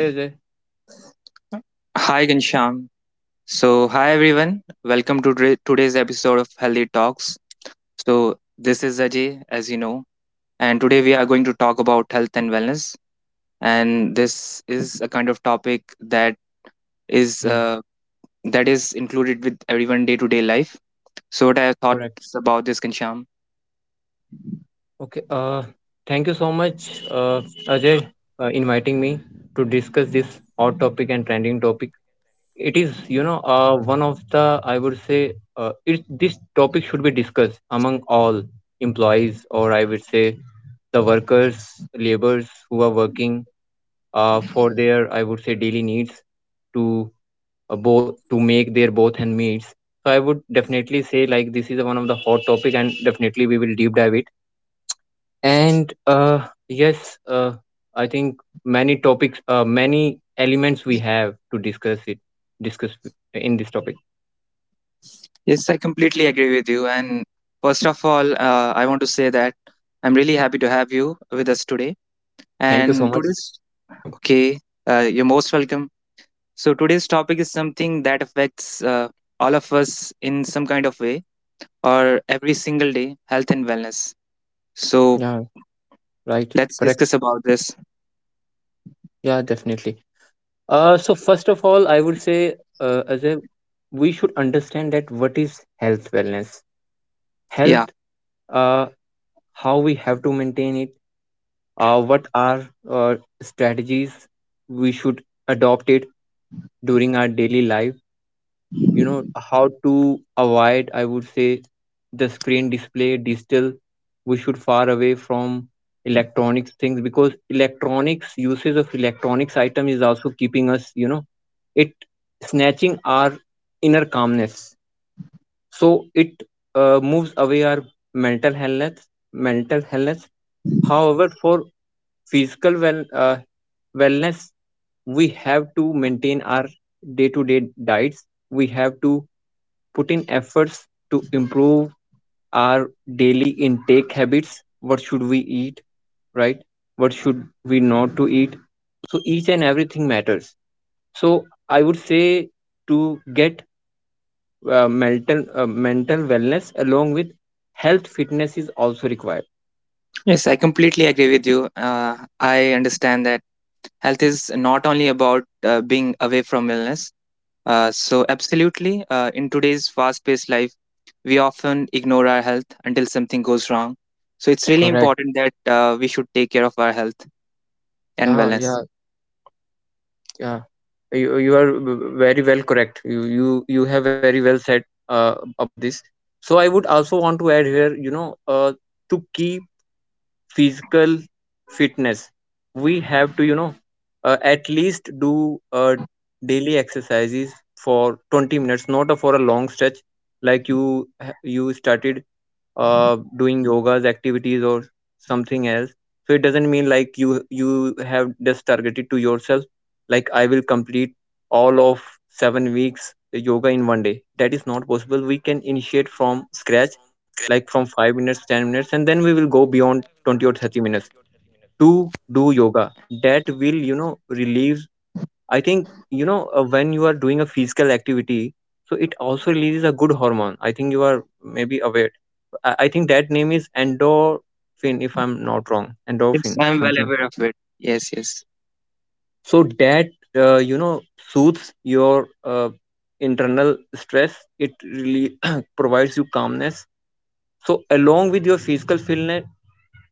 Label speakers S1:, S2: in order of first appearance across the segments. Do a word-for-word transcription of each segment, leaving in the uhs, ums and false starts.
S1: Hi Ajay.
S2: Hi, Gansham. So, hi everyone. Welcome to today- today's episode of Healthy Talks. So, this is Ajay, as you know, and today we are going to talk about health and wellness. And this is a kind of topic that is
S1: Hmm,
S2: uh, that is included with everyone day to day life. So, what are your
S1: Correct.
S2: thoughts about this, Gansham?
S1: Okay. Uh, Thank you so much, uh, Ajay, uh, inviting me to discuss this hot topic and trending topic. It is, you know, uh, One of the I would say, uh, it, this topic should be discussed among all employees, or I would say, the workers, laborers who are working uh, for their I would say daily needs to uh, both to make their both and meets. So I would definitely say like this is one of the hot topic, and definitely we will deep dive it and uh, yes uh, i think many topics uh, many elements we have to discuss it discuss in this topic.
S2: Yes, I completely agree with you. And first of all, uh, I want to say that I'm really happy to have you with us today.
S1: Thank you so
S2: And
S1: much.
S2: today's, okay, uh, you're most welcome. So, today's topic is something that affects uh, all of us in some kind of way or every single day health and wellness. So,
S1: Yeah, right.
S2: let's
S1: Correct.
S2: discuss about this.
S1: Yeah, definitely. uh, so first of all i would say, uh, as a we should understand that what is health wellness health
S2: Yeah,
S1: uh, how we have to maintain it. Uh, what are uh, Strategies we should adopt it during our daily life you know how to avoid, i would say, the screen display digital, we should far away from electronics things, because electronics usage of electronics item is also keeping us you know it snatching our inner calmness. So it uh, moves away our mental health mental health. However, for physical well uh, wellness, we have to maintain our day to day diets. We have to put in efforts to improve our daily intake habits. What should we eat, right, what should we not to eat? So each and everything matters. So i would say, to get uh, mental uh, mental wellness along with health, fitness is also required.
S2: yes, I completely agree with you. Uh, I understand that health is not only about uh, being away from illness. Uh, so, absolutely, uh, in today's fast paced life, we often ignore our health until something goes wrong. So, it's really
S1: Correct.
S2: important that uh, we should take care of our health and
S1: Yeah,
S2: wellness.
S1: yeah, yeah. you, you are v- very well correct. You you you have very well said uh, about this. So i would also want to add here, you know uh, to keep physical fitness, we have to you know uh, at least do uh, daily exercises for twenty minutes, not a, for a long stretch. Like you you started uh, doing yoga's activities or something else. So it doesn't mean like you you have just targeted to yourself like i will complete all of seven weeks yoga in one day. That is not possible. We can initiate from scratch, like from five minutes, ten minutes, and then we will go beyond twenty or thirty minutes to do yoga. That will you know relieve, i think. You know uh, when you are doing a physical activity, so it also releases a good hormone. I think you are maybe aware. i, I think that name is endorphin, if i'm not wrong,
S2: Yes,
S1: endorphin
S2: I'm well
S1: something.
S2: aware of it. Yes, yes.
S1: So that uh, you know soothes your uh, internal stress. It really provides you calmness. So along with your physical fitness,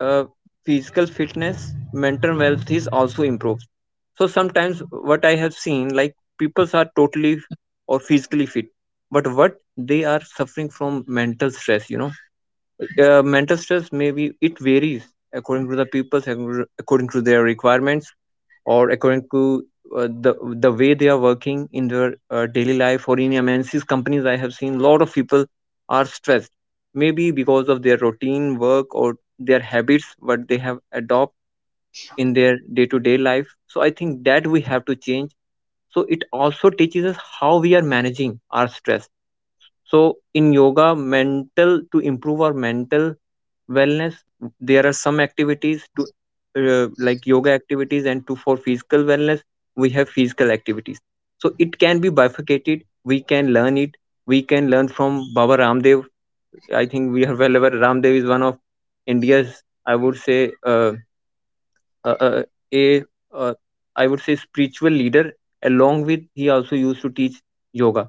S1: uh, physical fitness, mental health is also improved. So sometimes what I have seen, like people are totally or physically fit, but what they are suffering from mental stress. You know, uh, Mental stress, maybe it varies according to the people, according to their requirements, or according to uh, the the way they are working in their uh, daily life, or in M N Cs companies I have seen a lot of people are stressed, maybe because of their routine work or their habits what they have adopt in their day to day life. So I think that we have to change. So it also teaches us how we are managing our stress. So in yoga, mental to improve our mental wellness, there are some activities to uh, like yoga activities, and to for physical wellness we have physical activities. So it can be bifurcated, we can learn it. We can learn from Baba Ramdev. I think we are well aware Ramdev is one of india's i would say uh, uh, uh, a uh, I would say spiritual leader. Along with, he also used to teach yoga.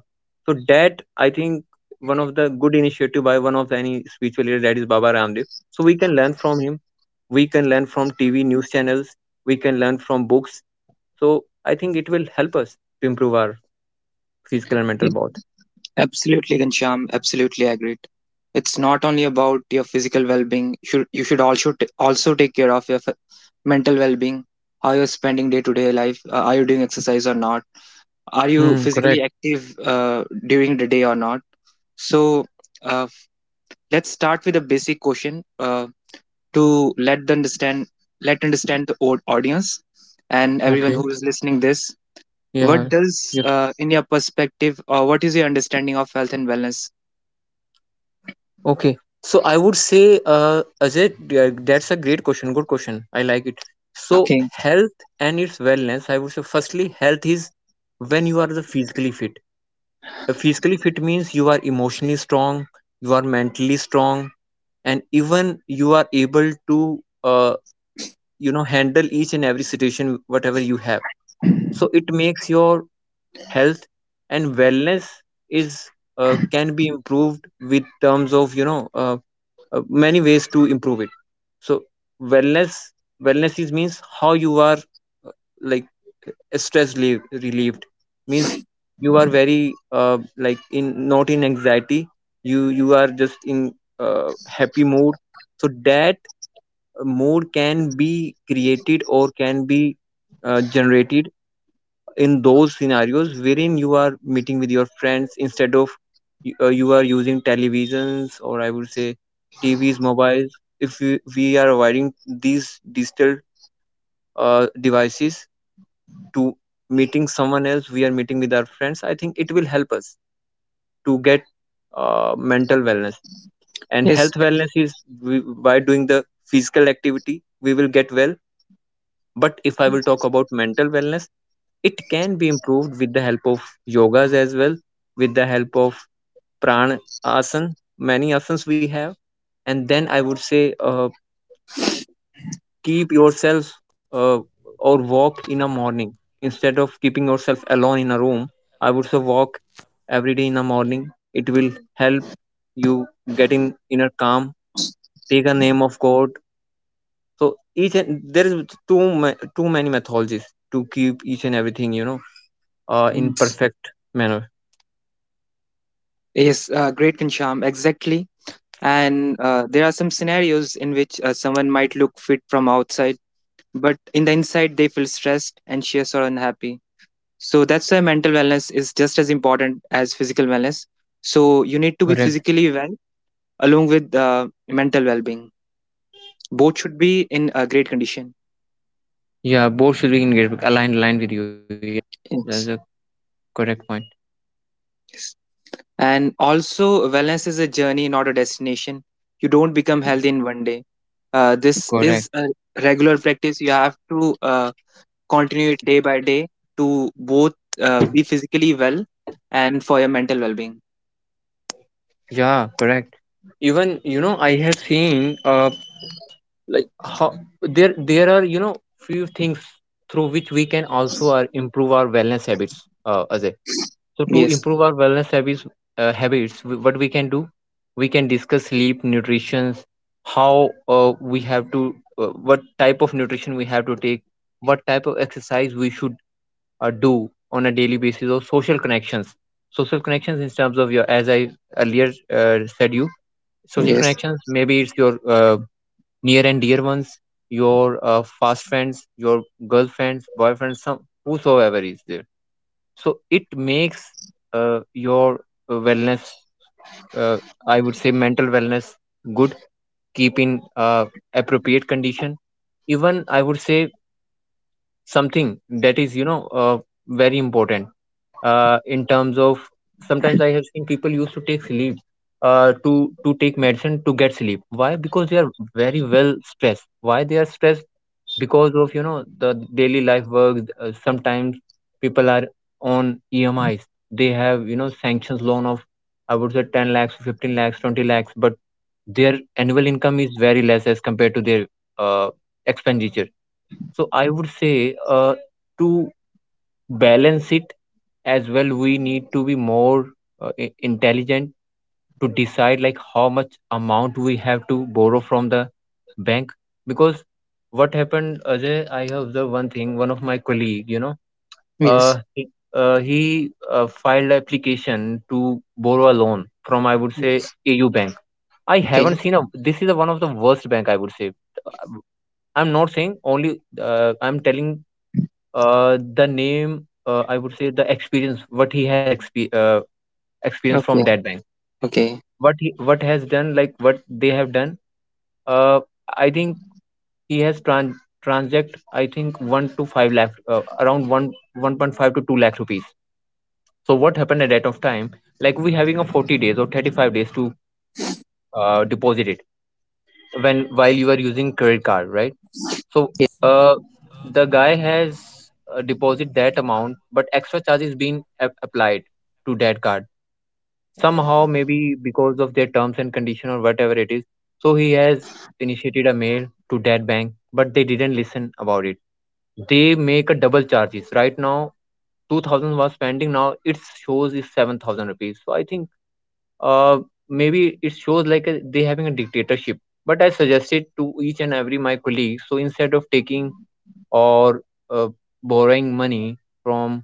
S1: So that i think one of the good initiative by one of any spiritual leader, that is Baba Ramdev. So we can learn from him, we can learn from TV news channels, we can learn from books. So i think it will help us to improve our physical and
S2: It,
S1: mental both.
S2: absolutely, Gansham. Absolutely agreed. It's not only about your physical well-being. Should you should also t- also take care of your f- mental well-being. How you're spending day-to-day life? Uh, are you doing exercise or not? Are you
S1: Hmm,
S2: physically
S1: correct.
S2: active uh, during the day or not? So uh, let's start with a basic question uh, to let the understand let understand the au- audience and everyone
S1: Okay.
S2: who is listening this. What
S1: Yeah.
S2: does
S1: You're
S2: uh, in your perspective, or what is your understanding of health and wellness?
S1: Okay. So I would say, uh, Ajay, uh, that's a great question. Good question. I like it. So
S2: Okay,
S1: health and its wellness, I would say, firstly, health is when you are the physically fit. Uh, physically fit means you are emotionally strong, you are mentally strong, and even you are able to, uh, you know, handle each and every situation, whatever you have. So it makes your health and wellness is uh, can be improved with terms of you know uh, uh, many ways to improve it. So wellness wellness is means how you are uh, like stress relief, relieved, means you are very uh, like in not in anxiety. You you are just in uh, happy mood. So that uh, mood can be created or can be uh, generated in those scenarios wherein you are meeting with your friends, instead of y- uh, you are using televisions, or I would say T Vs, mobiles. If we, we are avoiding these digital uh, devices to meeting someone else, we are meeting with our friends. I think it will help us to get uh, mental wellness. And health
S2: yes.
S1: wellness is we, by doing the physical activity, we will get well. But if I will talk about mental wellness, it can be improved with the help of yogas as well, with the help of prana asana, many asanas we have. And then I would say, uh, keep yourself uh, or walk in a morning, instead of keeping yourself alone in a room. I would say walk every day in the morning. It will help you getting inner calm. Take a name of God. So each and there is too ma- too many methodologies to keep each and everything you know uh, in
S2: Yes,
S1: perfect manner.
S2: uh, great, Kancham. Exactly. And uh, there are some scenarios in which uh, someone might look fit from outside, but in the inside, they feel stressed, anxious, or unhappy. So that's why mental wellness is just as important as physical wellness. So you need to be
S1: Correct.
S2: physically well along with uh, mental well being. Both should be great condition.
S1: Yeah, both should be engaged. Aligned, aligned with you. Yeah, that's a
S2: Yes.
S1: correct point.
S2: And also, wellness is a journey, not a destination. You don't become healthy in one day. Uh, this
S1: Correct.
S2: is a regular practice. You have to uh, continue it day by day to both uh, be physically well and for your mental well being.
S1: Yeah, correct. Even you know, I have seen uh, like how there there are you know few things through which we can also uh, improve our wellness habits. Uh, Ajay. So to
S2: Yes,
S1: improve our wellness habits, uh, habits, w- what we can do, we can discuss sleep, nutrition, how uh, we have to, uh, what type of nutrition we have to take, what type of exercise we should uh, do on a daily basis, or social connections. Social connections in terms of your, as I earlier uh, said you, social
S2: yes,
S1: connections. Maybe it's your uh, near and dear ones, your uh, fast friends, your girlfriends, boyfriends, some whosoever is there. So it makes uh, your uh, wellness, uh, i would say mental wellness good, keep in uh, appropriate condition. Even i would say something that is you know uh, very important uh, in terms of, sometimes i have seen people used to take sleep uh, to to take medicine to get sleep. Why? Because they are very well stressed. Why they are stressed? Because of you know the daily life work. Uh, sometimes people are on E M Is, they have you know sanctions loan of, i would say, ten lakhs, fifteen lakhs, twenty lakhs, but their annual income is very less as compared to their uh, expenditure. So I would say, uh, to balance it as well, we need to be more uh, i- intelligent to decide like how much amount we have to borrow from the bank. Because what happened, Ajay, I have observed one thing. One of my colleague, you know
S2: yes,
S1: uh he, uh, he uh, filed application to borrow a loan from, I would say,
S2: yes.
S1: A U bank. I
S2: Okay,
S1: haven't seen a, this is a, one of the worst bank, I would say. Uh, I'm not saying only, uh, I'm telling uh, the name, uh, I would say the experience, what he has expe uh, experience from
S2: okay,
S1: that bank.
S2: okay.
S1: What he what has done, like what they have done. Uh, I think he has tran transact, I think one to five lakh, uh, around one one point five to two lakh rupees. So what happened at that of time? Like we having a forty days or thirty five days to uh, deposit it, when while you are using credit card, right? So, uh, the guy has uh, deposit that amount, but extra charge is being a- applied to that card. Somehow, maybe because of their terms and condition or whatever it is. So he has initiated a mail to that bank, but they didn't listen about it. They make a double charges. Right now, two thousand was spending. Now it shows is seven thousand rupees. So I think, uh, maybe it shows like a, they having a dictatorship. But I suggested to each and every my colleague. So instead of taking or uh, borrowing money from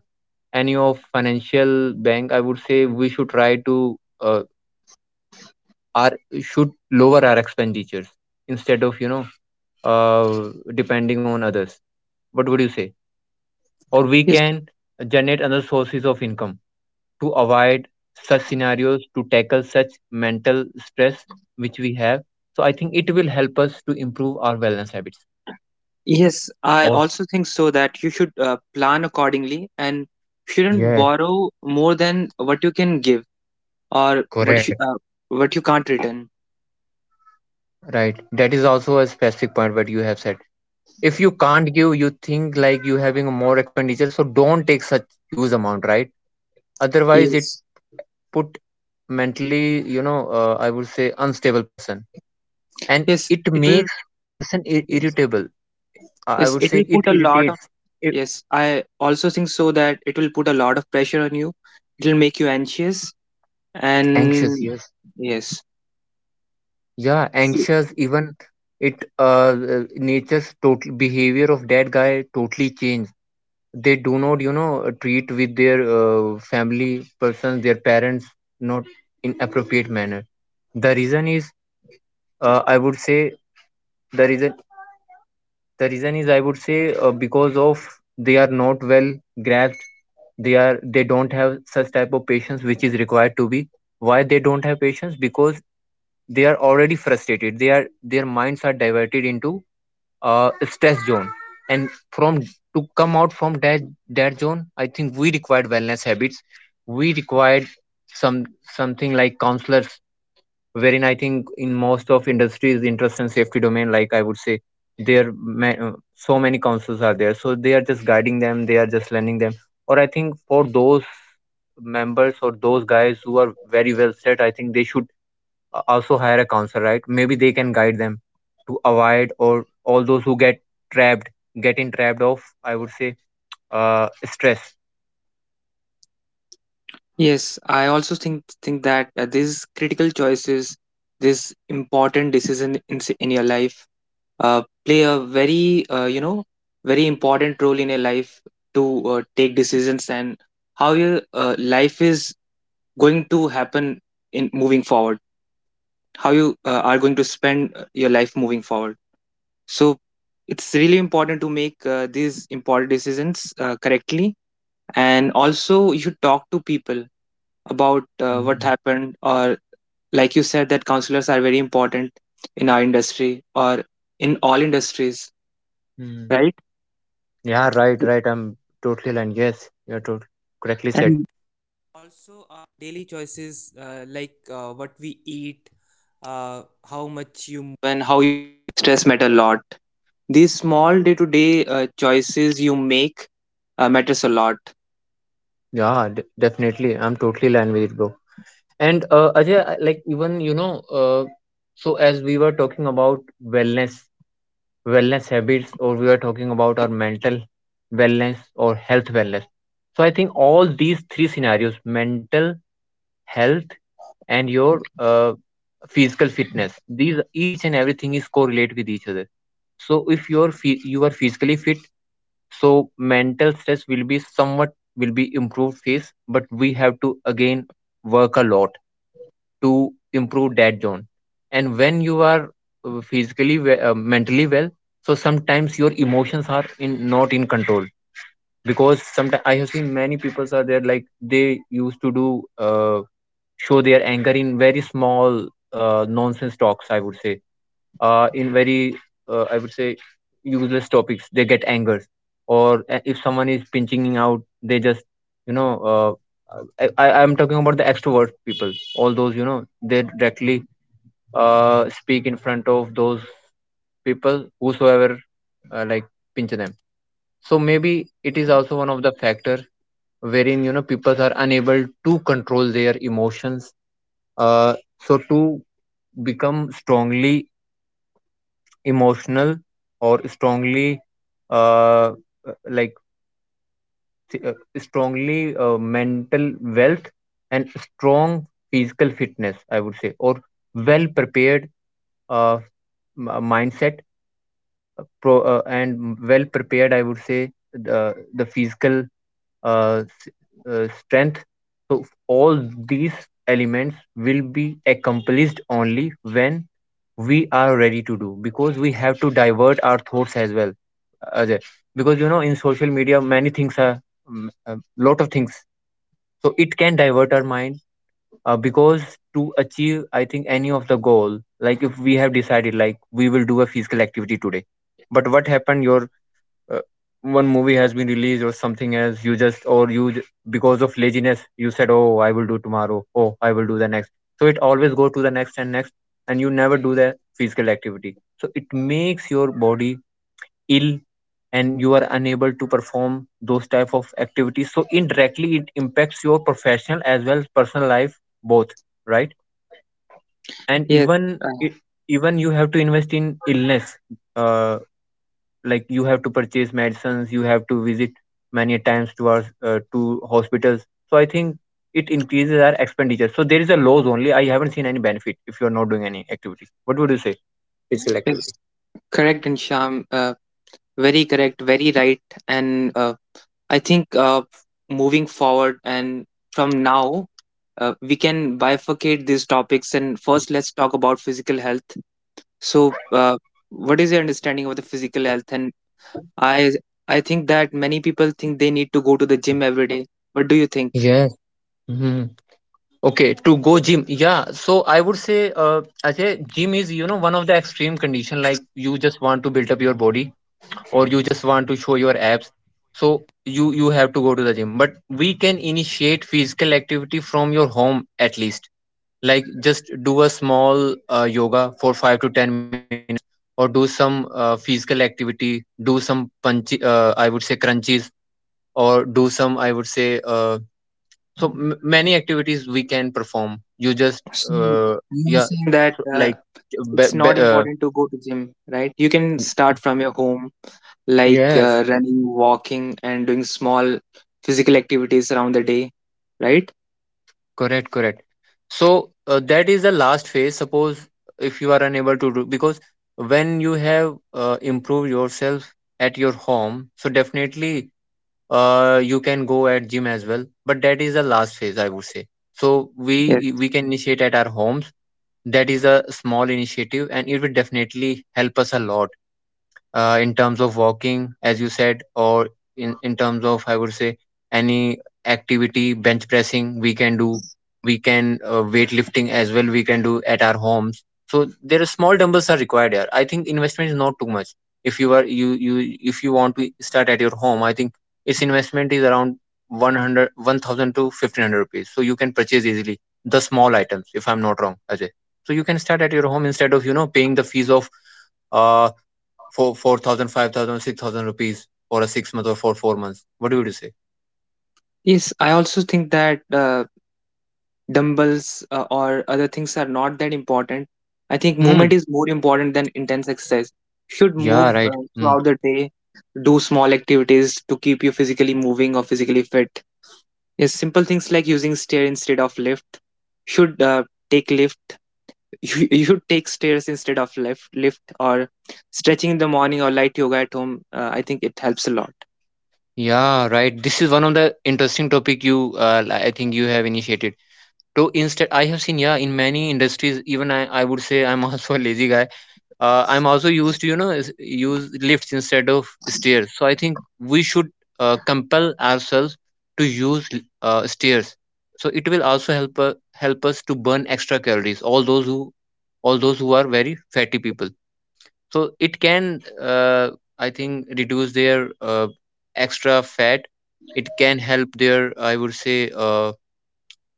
S1: any of financial bank, I would say we should try to uh, our should lower our expenditures instead of you know uh, depending on others. What would you say, or we
S2: Yes,
S1: can generate other sources of income to avoid such scenarios, to tackle such mental stress which we have. So I think it will help us to improve our wellness habits
S2: yes, I
S1: or.
S2: also think so that you should uh, plan accordingly and shouldn't
S1: Yes,
S2: borrow more than what you can give, or what you
S1: correct.
S2: uh, what you can't return.
S1: Right. That is also a specific point what you have said. If you can't give, you think like you having a more expenditure, so don't take such huge amount, right? Otherwise, it
S2: Yes,
S1: put mentally, you know, uh, I would say unstable person, and
S2: yes,
S1: it
S2: it will.
S1: makes person ir-
S2: Yes,
S1: irritable. I I
S2: yes,
S1: would
S2: it
S1: say
S2: will
S1: it
S2: put a lot of.
S1: irritates, i-
S2: Yes, I also think so that it will put a lot of pressure on you. It will make you anxious
S1: anxious.
S2: and
S1: Yes.
S2: yes,
S1: Yeah,
S2: So-
S1: anxious. Even it, uh, uh, nature's total behavior of that guy totally changed. They do not you know treat with their uh, family persons, their parents, not in appropriate manner. The reason is, uh, I would say, the reason the reason is, I would say, uh, because of they are not well grasped. They are they don't have such type of patience which is required to be. Why they don't have patience? Because they are already frustrated, they are, their minds are diverted into uh, stress zone, and from to come out from that that zone, I think we required wellness habits. We required some, something like counselors, wherein I think in most of industries, interest and safety domain, like I would say, there ma- uh, so many counselors are there, so they are just guiding them, they are just lending them. Or I think for those members or those guys who are very well set, I think they should uh, also hire a counselor, right? Maybe they can guide them to avoid, or all those who get trapped, getting trapped of, I would say, uh stress.
S2: yes. I also think think that uh, these critical choices, this important decision in s- in your life uh, play a very uh, you know very important role in your life to uh, take decisions, and how your uh, life is going to happen in moving forward, how you uh, are going to spend uh, your life moving forward. So it's really important to make uh, these important decisions uh, correctly, and also you should talk to people about uh, what
S1: Mm.
S2: happened, or like you said that counselors are very important in our industry or in all industries,
S1: Mm.
S2: right?
S1: Yeah, right, right. I'm totally aligned. Yes, you're tot- correctly said.
S2: All day to day uh, choices you make uh, matters a lot.
S1: Yeah, d- definitely I'm totally aligned with it, bro. And uh, Ajay, I- like even you know uh, so as we were talking about wellness, wellness habits, or we are talking about our mental wellness or health wellness. So I think all these three scenarios, mental health and your uh, physical fitness, these each and everything is correlate with each other. So if you're phy- you are physically fit, so mental stress will be somewhat will be improved phase, but we have to again work a lot to improve that zone. And when you are uh, physically we- uh, mentally well, so sometimes your emotions are in not in control. Because sometimes I have seen many people are there, like they used to do, uh, show their anger in very small uh, nonsense talks, I would say, uh, in very uh, I would say useless topics, they get angers. Or uh, if someone is pinching out, they just you know uh, I, I am talking about the extrovert people, all those you know they directly uh, speak in front of those people whosoever uh, like pinch them. So maybe it is also one of the factor wherein you know people are unable to control their emotions. uh, so to become strongly emotional or strongly uh, uh, like uh, strongly uh, mental wealth and strong physical fitness, I would say, or well prepared uh, m- mindset, uh, pro uh, and well prepared, I would say, the the physical uh, s- uh, strength. So all these elements will be accomplished only when we are ready to do, because we have to divert our thoughts as well, Ajay. Because you know in social media many things are um, a lot of things, so it can divert our mind. Uh, because to achieve, I think, any of the goal, like if we have decided like we will do a physical activity today, but what happened, your uh, one movie has been released or something else, you just, or you j- because of laziness you said, oh, I will do tomorrow, oh, I will do the next. So it always go to the next and next, and you never do the physical activity. So it makes your body ill, and you are unable to perform those type of activities, so indirectly it impacts your professional as well as personal life both, right? And
S2: Yes,
S1: even
S2: uh,
S1: it, even you have to invest in illness. uh, like you have to purchase medicines, you have to visit many times to our uh, to hospitals. So I think it increases our expenditure, so there is a loss only. I haven't seen any benefit if you are not doing any activity. What would you say? Physical
S2: it's
S1: activity.
S2: correct, and Sham, uh, very correct, very right. And uh, I think uh, moving forward and from now, uh, we can bifurcate these topics. And first, let's talk about physical health. So, uh, what is your understanding of the physical health? And I, I think that many people think they need to go to the gym every day. What do you think?
S1: Yes. Hmm. Okay, to go gym. Yeah, so I would say, uh, Ajay, gym is, you know, one of the extreme condition, like you just want to build up your body or you just want to show your abs. So you you have to go to the gym. But we can initiate physical activity from your home at least. Like just do a small uh, yoga for five to ten minutes, or do some uh, physical activity, do some punch, uh, I would say crunches, or do some, I would say, uh, so m- many activities we can perform. You just
S2: So
S1: uh,
S2: you were
S1: yeah,
S2: saying that
S1: so
S2: uh,
S1: like be,
S2: it's
S1: be,
S2: not
S1: uh,
S2: important to go to gym, right? You can start from your home, like
S1: yes,
S2: uh, running, walking, and doing small physical activities around the day, right?
S1: correct, correct. So uh, that is the last phase. Suppose if you are unable to do, because when you have uh, improved yourself at your home, so definitely uh, you can go at gym as well. But that is the last phase, I would say. So
S2: Yeah.
S1: we we can initiate at our homes. That is a small initiative, and it will definitely help us a lot. Uh, in terms of walking, as you said, or in, in terms of, I would say, any activity, bench pressing, we can do, we can uh, weightlifting as well, we can do at our homes. So there are small dumbbells are required here. I think investment is not too much. If you are you you if you want to start at your home, I think its investment is around one hundred one thousand to fifteen hundred rupees. So you can purchase easily the small items, if I'm not wrong, Ajay. So you can start at your home instead of you know paying the fees of uh for four thousand, five thousand six thousand rupees for a six month or for four months. What would you say?
S2: Yes, I also think that uh, dumbbells uh, or other things are not that important. I think movement
S1: Hmm.
S2: is more important than intense exercise. Should
S1: Yeah.
S2: move
S1: Right.
S2: uh,
S1: Hmm.
S2: throughout the day, do small activities to keep you physically moving or physically fit. Yes, simple things like using stair instead of lift should uh, take lift. You, you should take stairs instead of lift, lift or stretching in the morning or light yoga at home. Uh, I think it helps a lot.
S1: Yeah. Right. This is one of the interesting topic you. Uh, li- I think you have initiated. So instead, I have seen. Yeah, in many industries, even I. I would say I'm also a lazy guy. uh, I'm also used to you know is- use lifts instead of stairs. So I think we should uh, compel ourselves to use l- uh, stairs. So it will also help uh, help us to burn extra calories, all those who, all those who are very fatty people. So it can uh, I think reduce their uh, extra fat. It can help their, I would say, uh,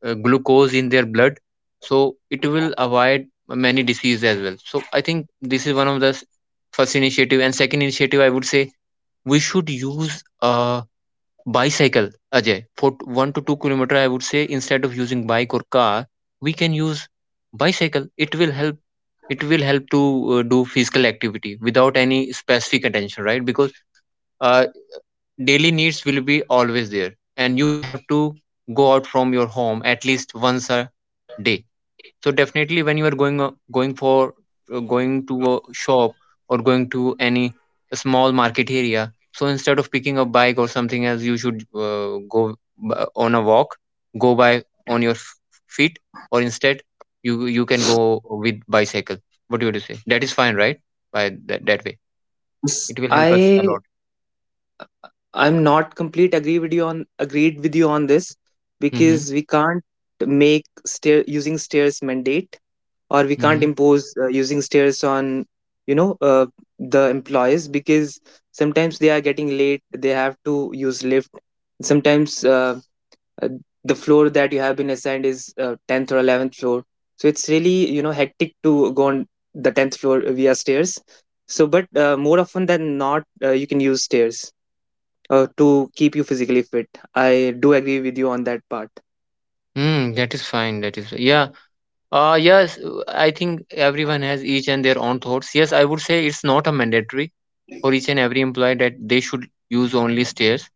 S1: uh, glucose in their blood. So it will avoid many diseases as well. So I think this is one of the s- first initiative, and second initiative, I would say, we should use a bicycle, Ajay, for t- one to two kilometer, I would say, instead of using bike or car, we can use bicycle. It will help, it will help to uh, do physical activity without any specific attention, right? Because uh, daily needs will be always there, and you have to go out from your home at least once a day. So definitely when you are going, uh, going for uh, going to a shop or going to any small market area, so instead of picking a bike or something else, you should uh, go b- on a walk, go by on your f- feet, or instead you you can go with bicycle. What do you say? That is fine, right? By that, that way
S2: S-
S1: it will help us a
S2: I
S1: lot.
S2: I'm not complete agree with you on agreed with you on this,
S1: Hmm.
S2: because we can't make stair using stairs mandate, or we can't impose uh, using stairs on you know uh, the employees, because sometimes they are getting late, they have to use lift. Sometimes uh, uh, the floor that you have been assigned is uh, tenth or eleventh floor, so it's really you know hectic to go on the tenth floor via stairs. So but uh, more often than not uh, you can use stairs uh, to keep you physically fit. I do agree with you on that part.
S1: Hmm, that is fine. That is, yeah. Uh yes, uh, I think everyone has each and their own thoughts. Yes, I would say it's not a mandatory for each and every employee that they should use only stairs,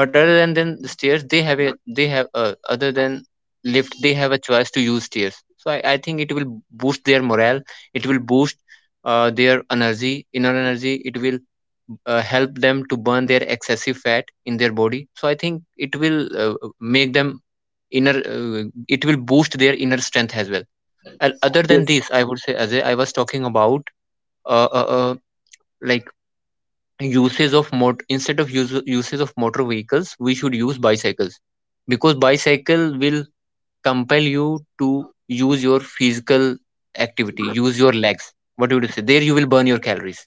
S1: but other than then the stairs, they have a, they have uh, other than lift, they have a choice to use stairs. So I, I think it will boost their morale, it will boost uh, their energy, inner energy. It will uh, help them to burn their excessive fat in their body. So I think it will uh, make them inner uh, it will boost their inner strength as well. And other than
S2: yes
S1: this, I would say, as I was talking about, uh, uh, uh, like uses of mot instead of use, uses of motor vehicles, we should use bicycles, because bicycle will compel you to use your physical activity, use your legs. What would you say? There you will burn your calories.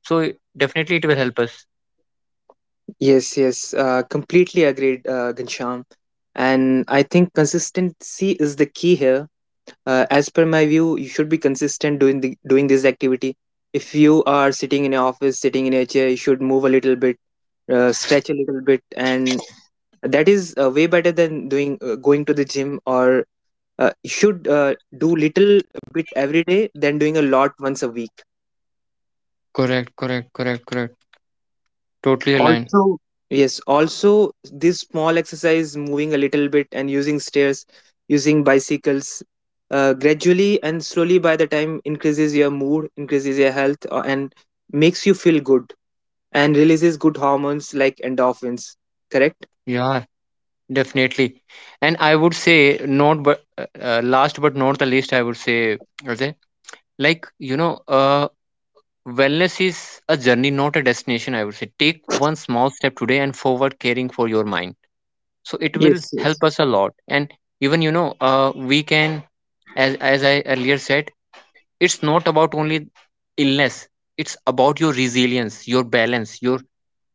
S1: So definitely it will help us.
S2: yes yes, uh, completely agreed, uh, Gansham. And I think consistency is the key here. uh, as per my view, you should be consistent doing the, doing this activity. If you are sitting in an office sitting in a chair, you should move a little bit, uh, stretch a little bit, and that is uh, way better than doing uh, going to the gym. Or uh, you should uh, do little bit every day than doing a lot once a week.
S1: Correct, correct, correct, correct. Totally aligned.
S2: Also, yes, also this small exercise, moving a little bit and using stairs, using bicycles, uh, gradually and slowly by the time increases your mood, increases your health, uh, and makes you feel good and releases good hormones like endorphins. Correct?
S1: Yeah, definitely. And I would say not but uh, uh, last but not the least, I would say, Ajay, like you know uh, wellness is a journey, not a destination, I would say. Take one small step today and forward caring for your mind. So it will
S2: Yes,
S1: help
S2: yes.
S1: us a lot. And even, you know, uh, we can, as, as I earlier said, it's not about only illness, it's about your resilience, your balance, your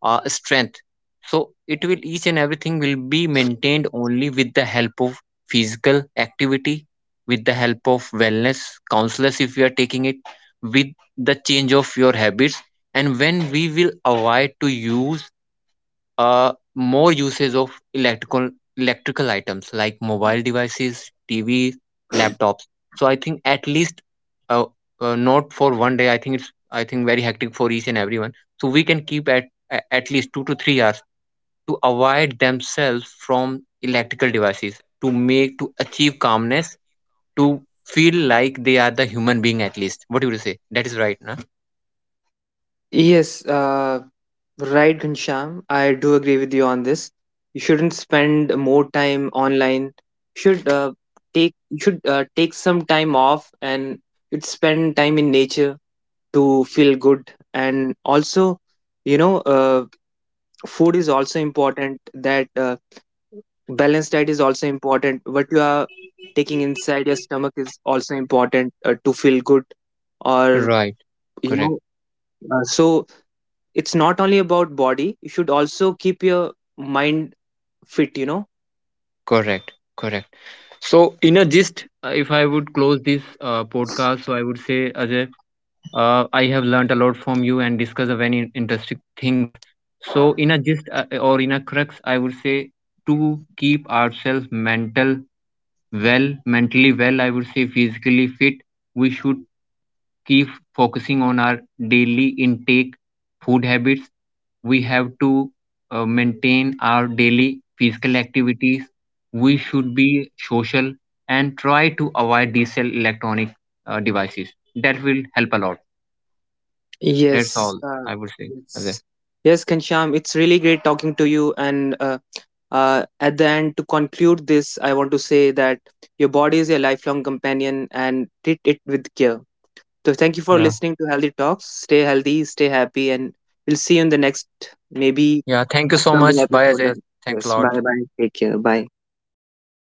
S1: uh, strength. So it will, each and everything will be maintained only with the help of physical activity, with the help of wellness counselors if you are taking it, with the change of your habits. And when we will avoid to use uh, more usage of electrical, electrical items like mobile devices, T Vs, laptops. So I think at least uh, uh, not for one day. I think it's, I think very hectic for each and everyone. So we can keep at a- at least two to three hours to avoid themselves from electrical devices, to make, to achieve calmness, to feel like they are the human being at least. What do you say? That is right, no?
S2: Right, Ghanshyam, I do agree with you on this. You shouldn't spend more time online. You should uh, take you should uh, take some time off and you'd spend time in nature to feel good. And also, you know, uh, food is also important. That uh, balanced diet is also important. What you are taking inside your stomach is also important uh, to feel good. Or
S1: Right.
S2: you
S1: Correct.
S2: know, uh, so it's not only about body, you should also keep your mind fit, you know?
S1: Correct. Correct. So, in a gist, uh, if I would close this uh, podcast, so I would say, Ajay, uh, I have learnt a lot from you and discussed many interesting things. So, in a gist uh, or in a crux, I would say, to keep ourselves mental well, mentally well, I would say physically fit, we should keep focusing on our daily intake, food habits. We have to uh, maintain our daily physical activities. We should be social and try to avoid these electronic uh, devices. That will help a lot. That's
S2: Yes,
S1: all
S2: uh,
S1: I would say, Ajay.
S2: it's, yes, Kansham, it's really great talking to you. And uh, uh, at the end to conclude this, I want to say that your body is your lifelong companion, and treat it with care. So thank you for
S1: Yeah,
S2: listening to Healthy Talks. Stay healthy, stay happy, and we'll see you in the next maybe
S1: yeah. Thank you so
S2: upcoming
S1: much. Bye,
S2: episode.
S1: Ajay. Thanks a
S2: Yes,
S1: lot.
S2: bye bye, take care, bye.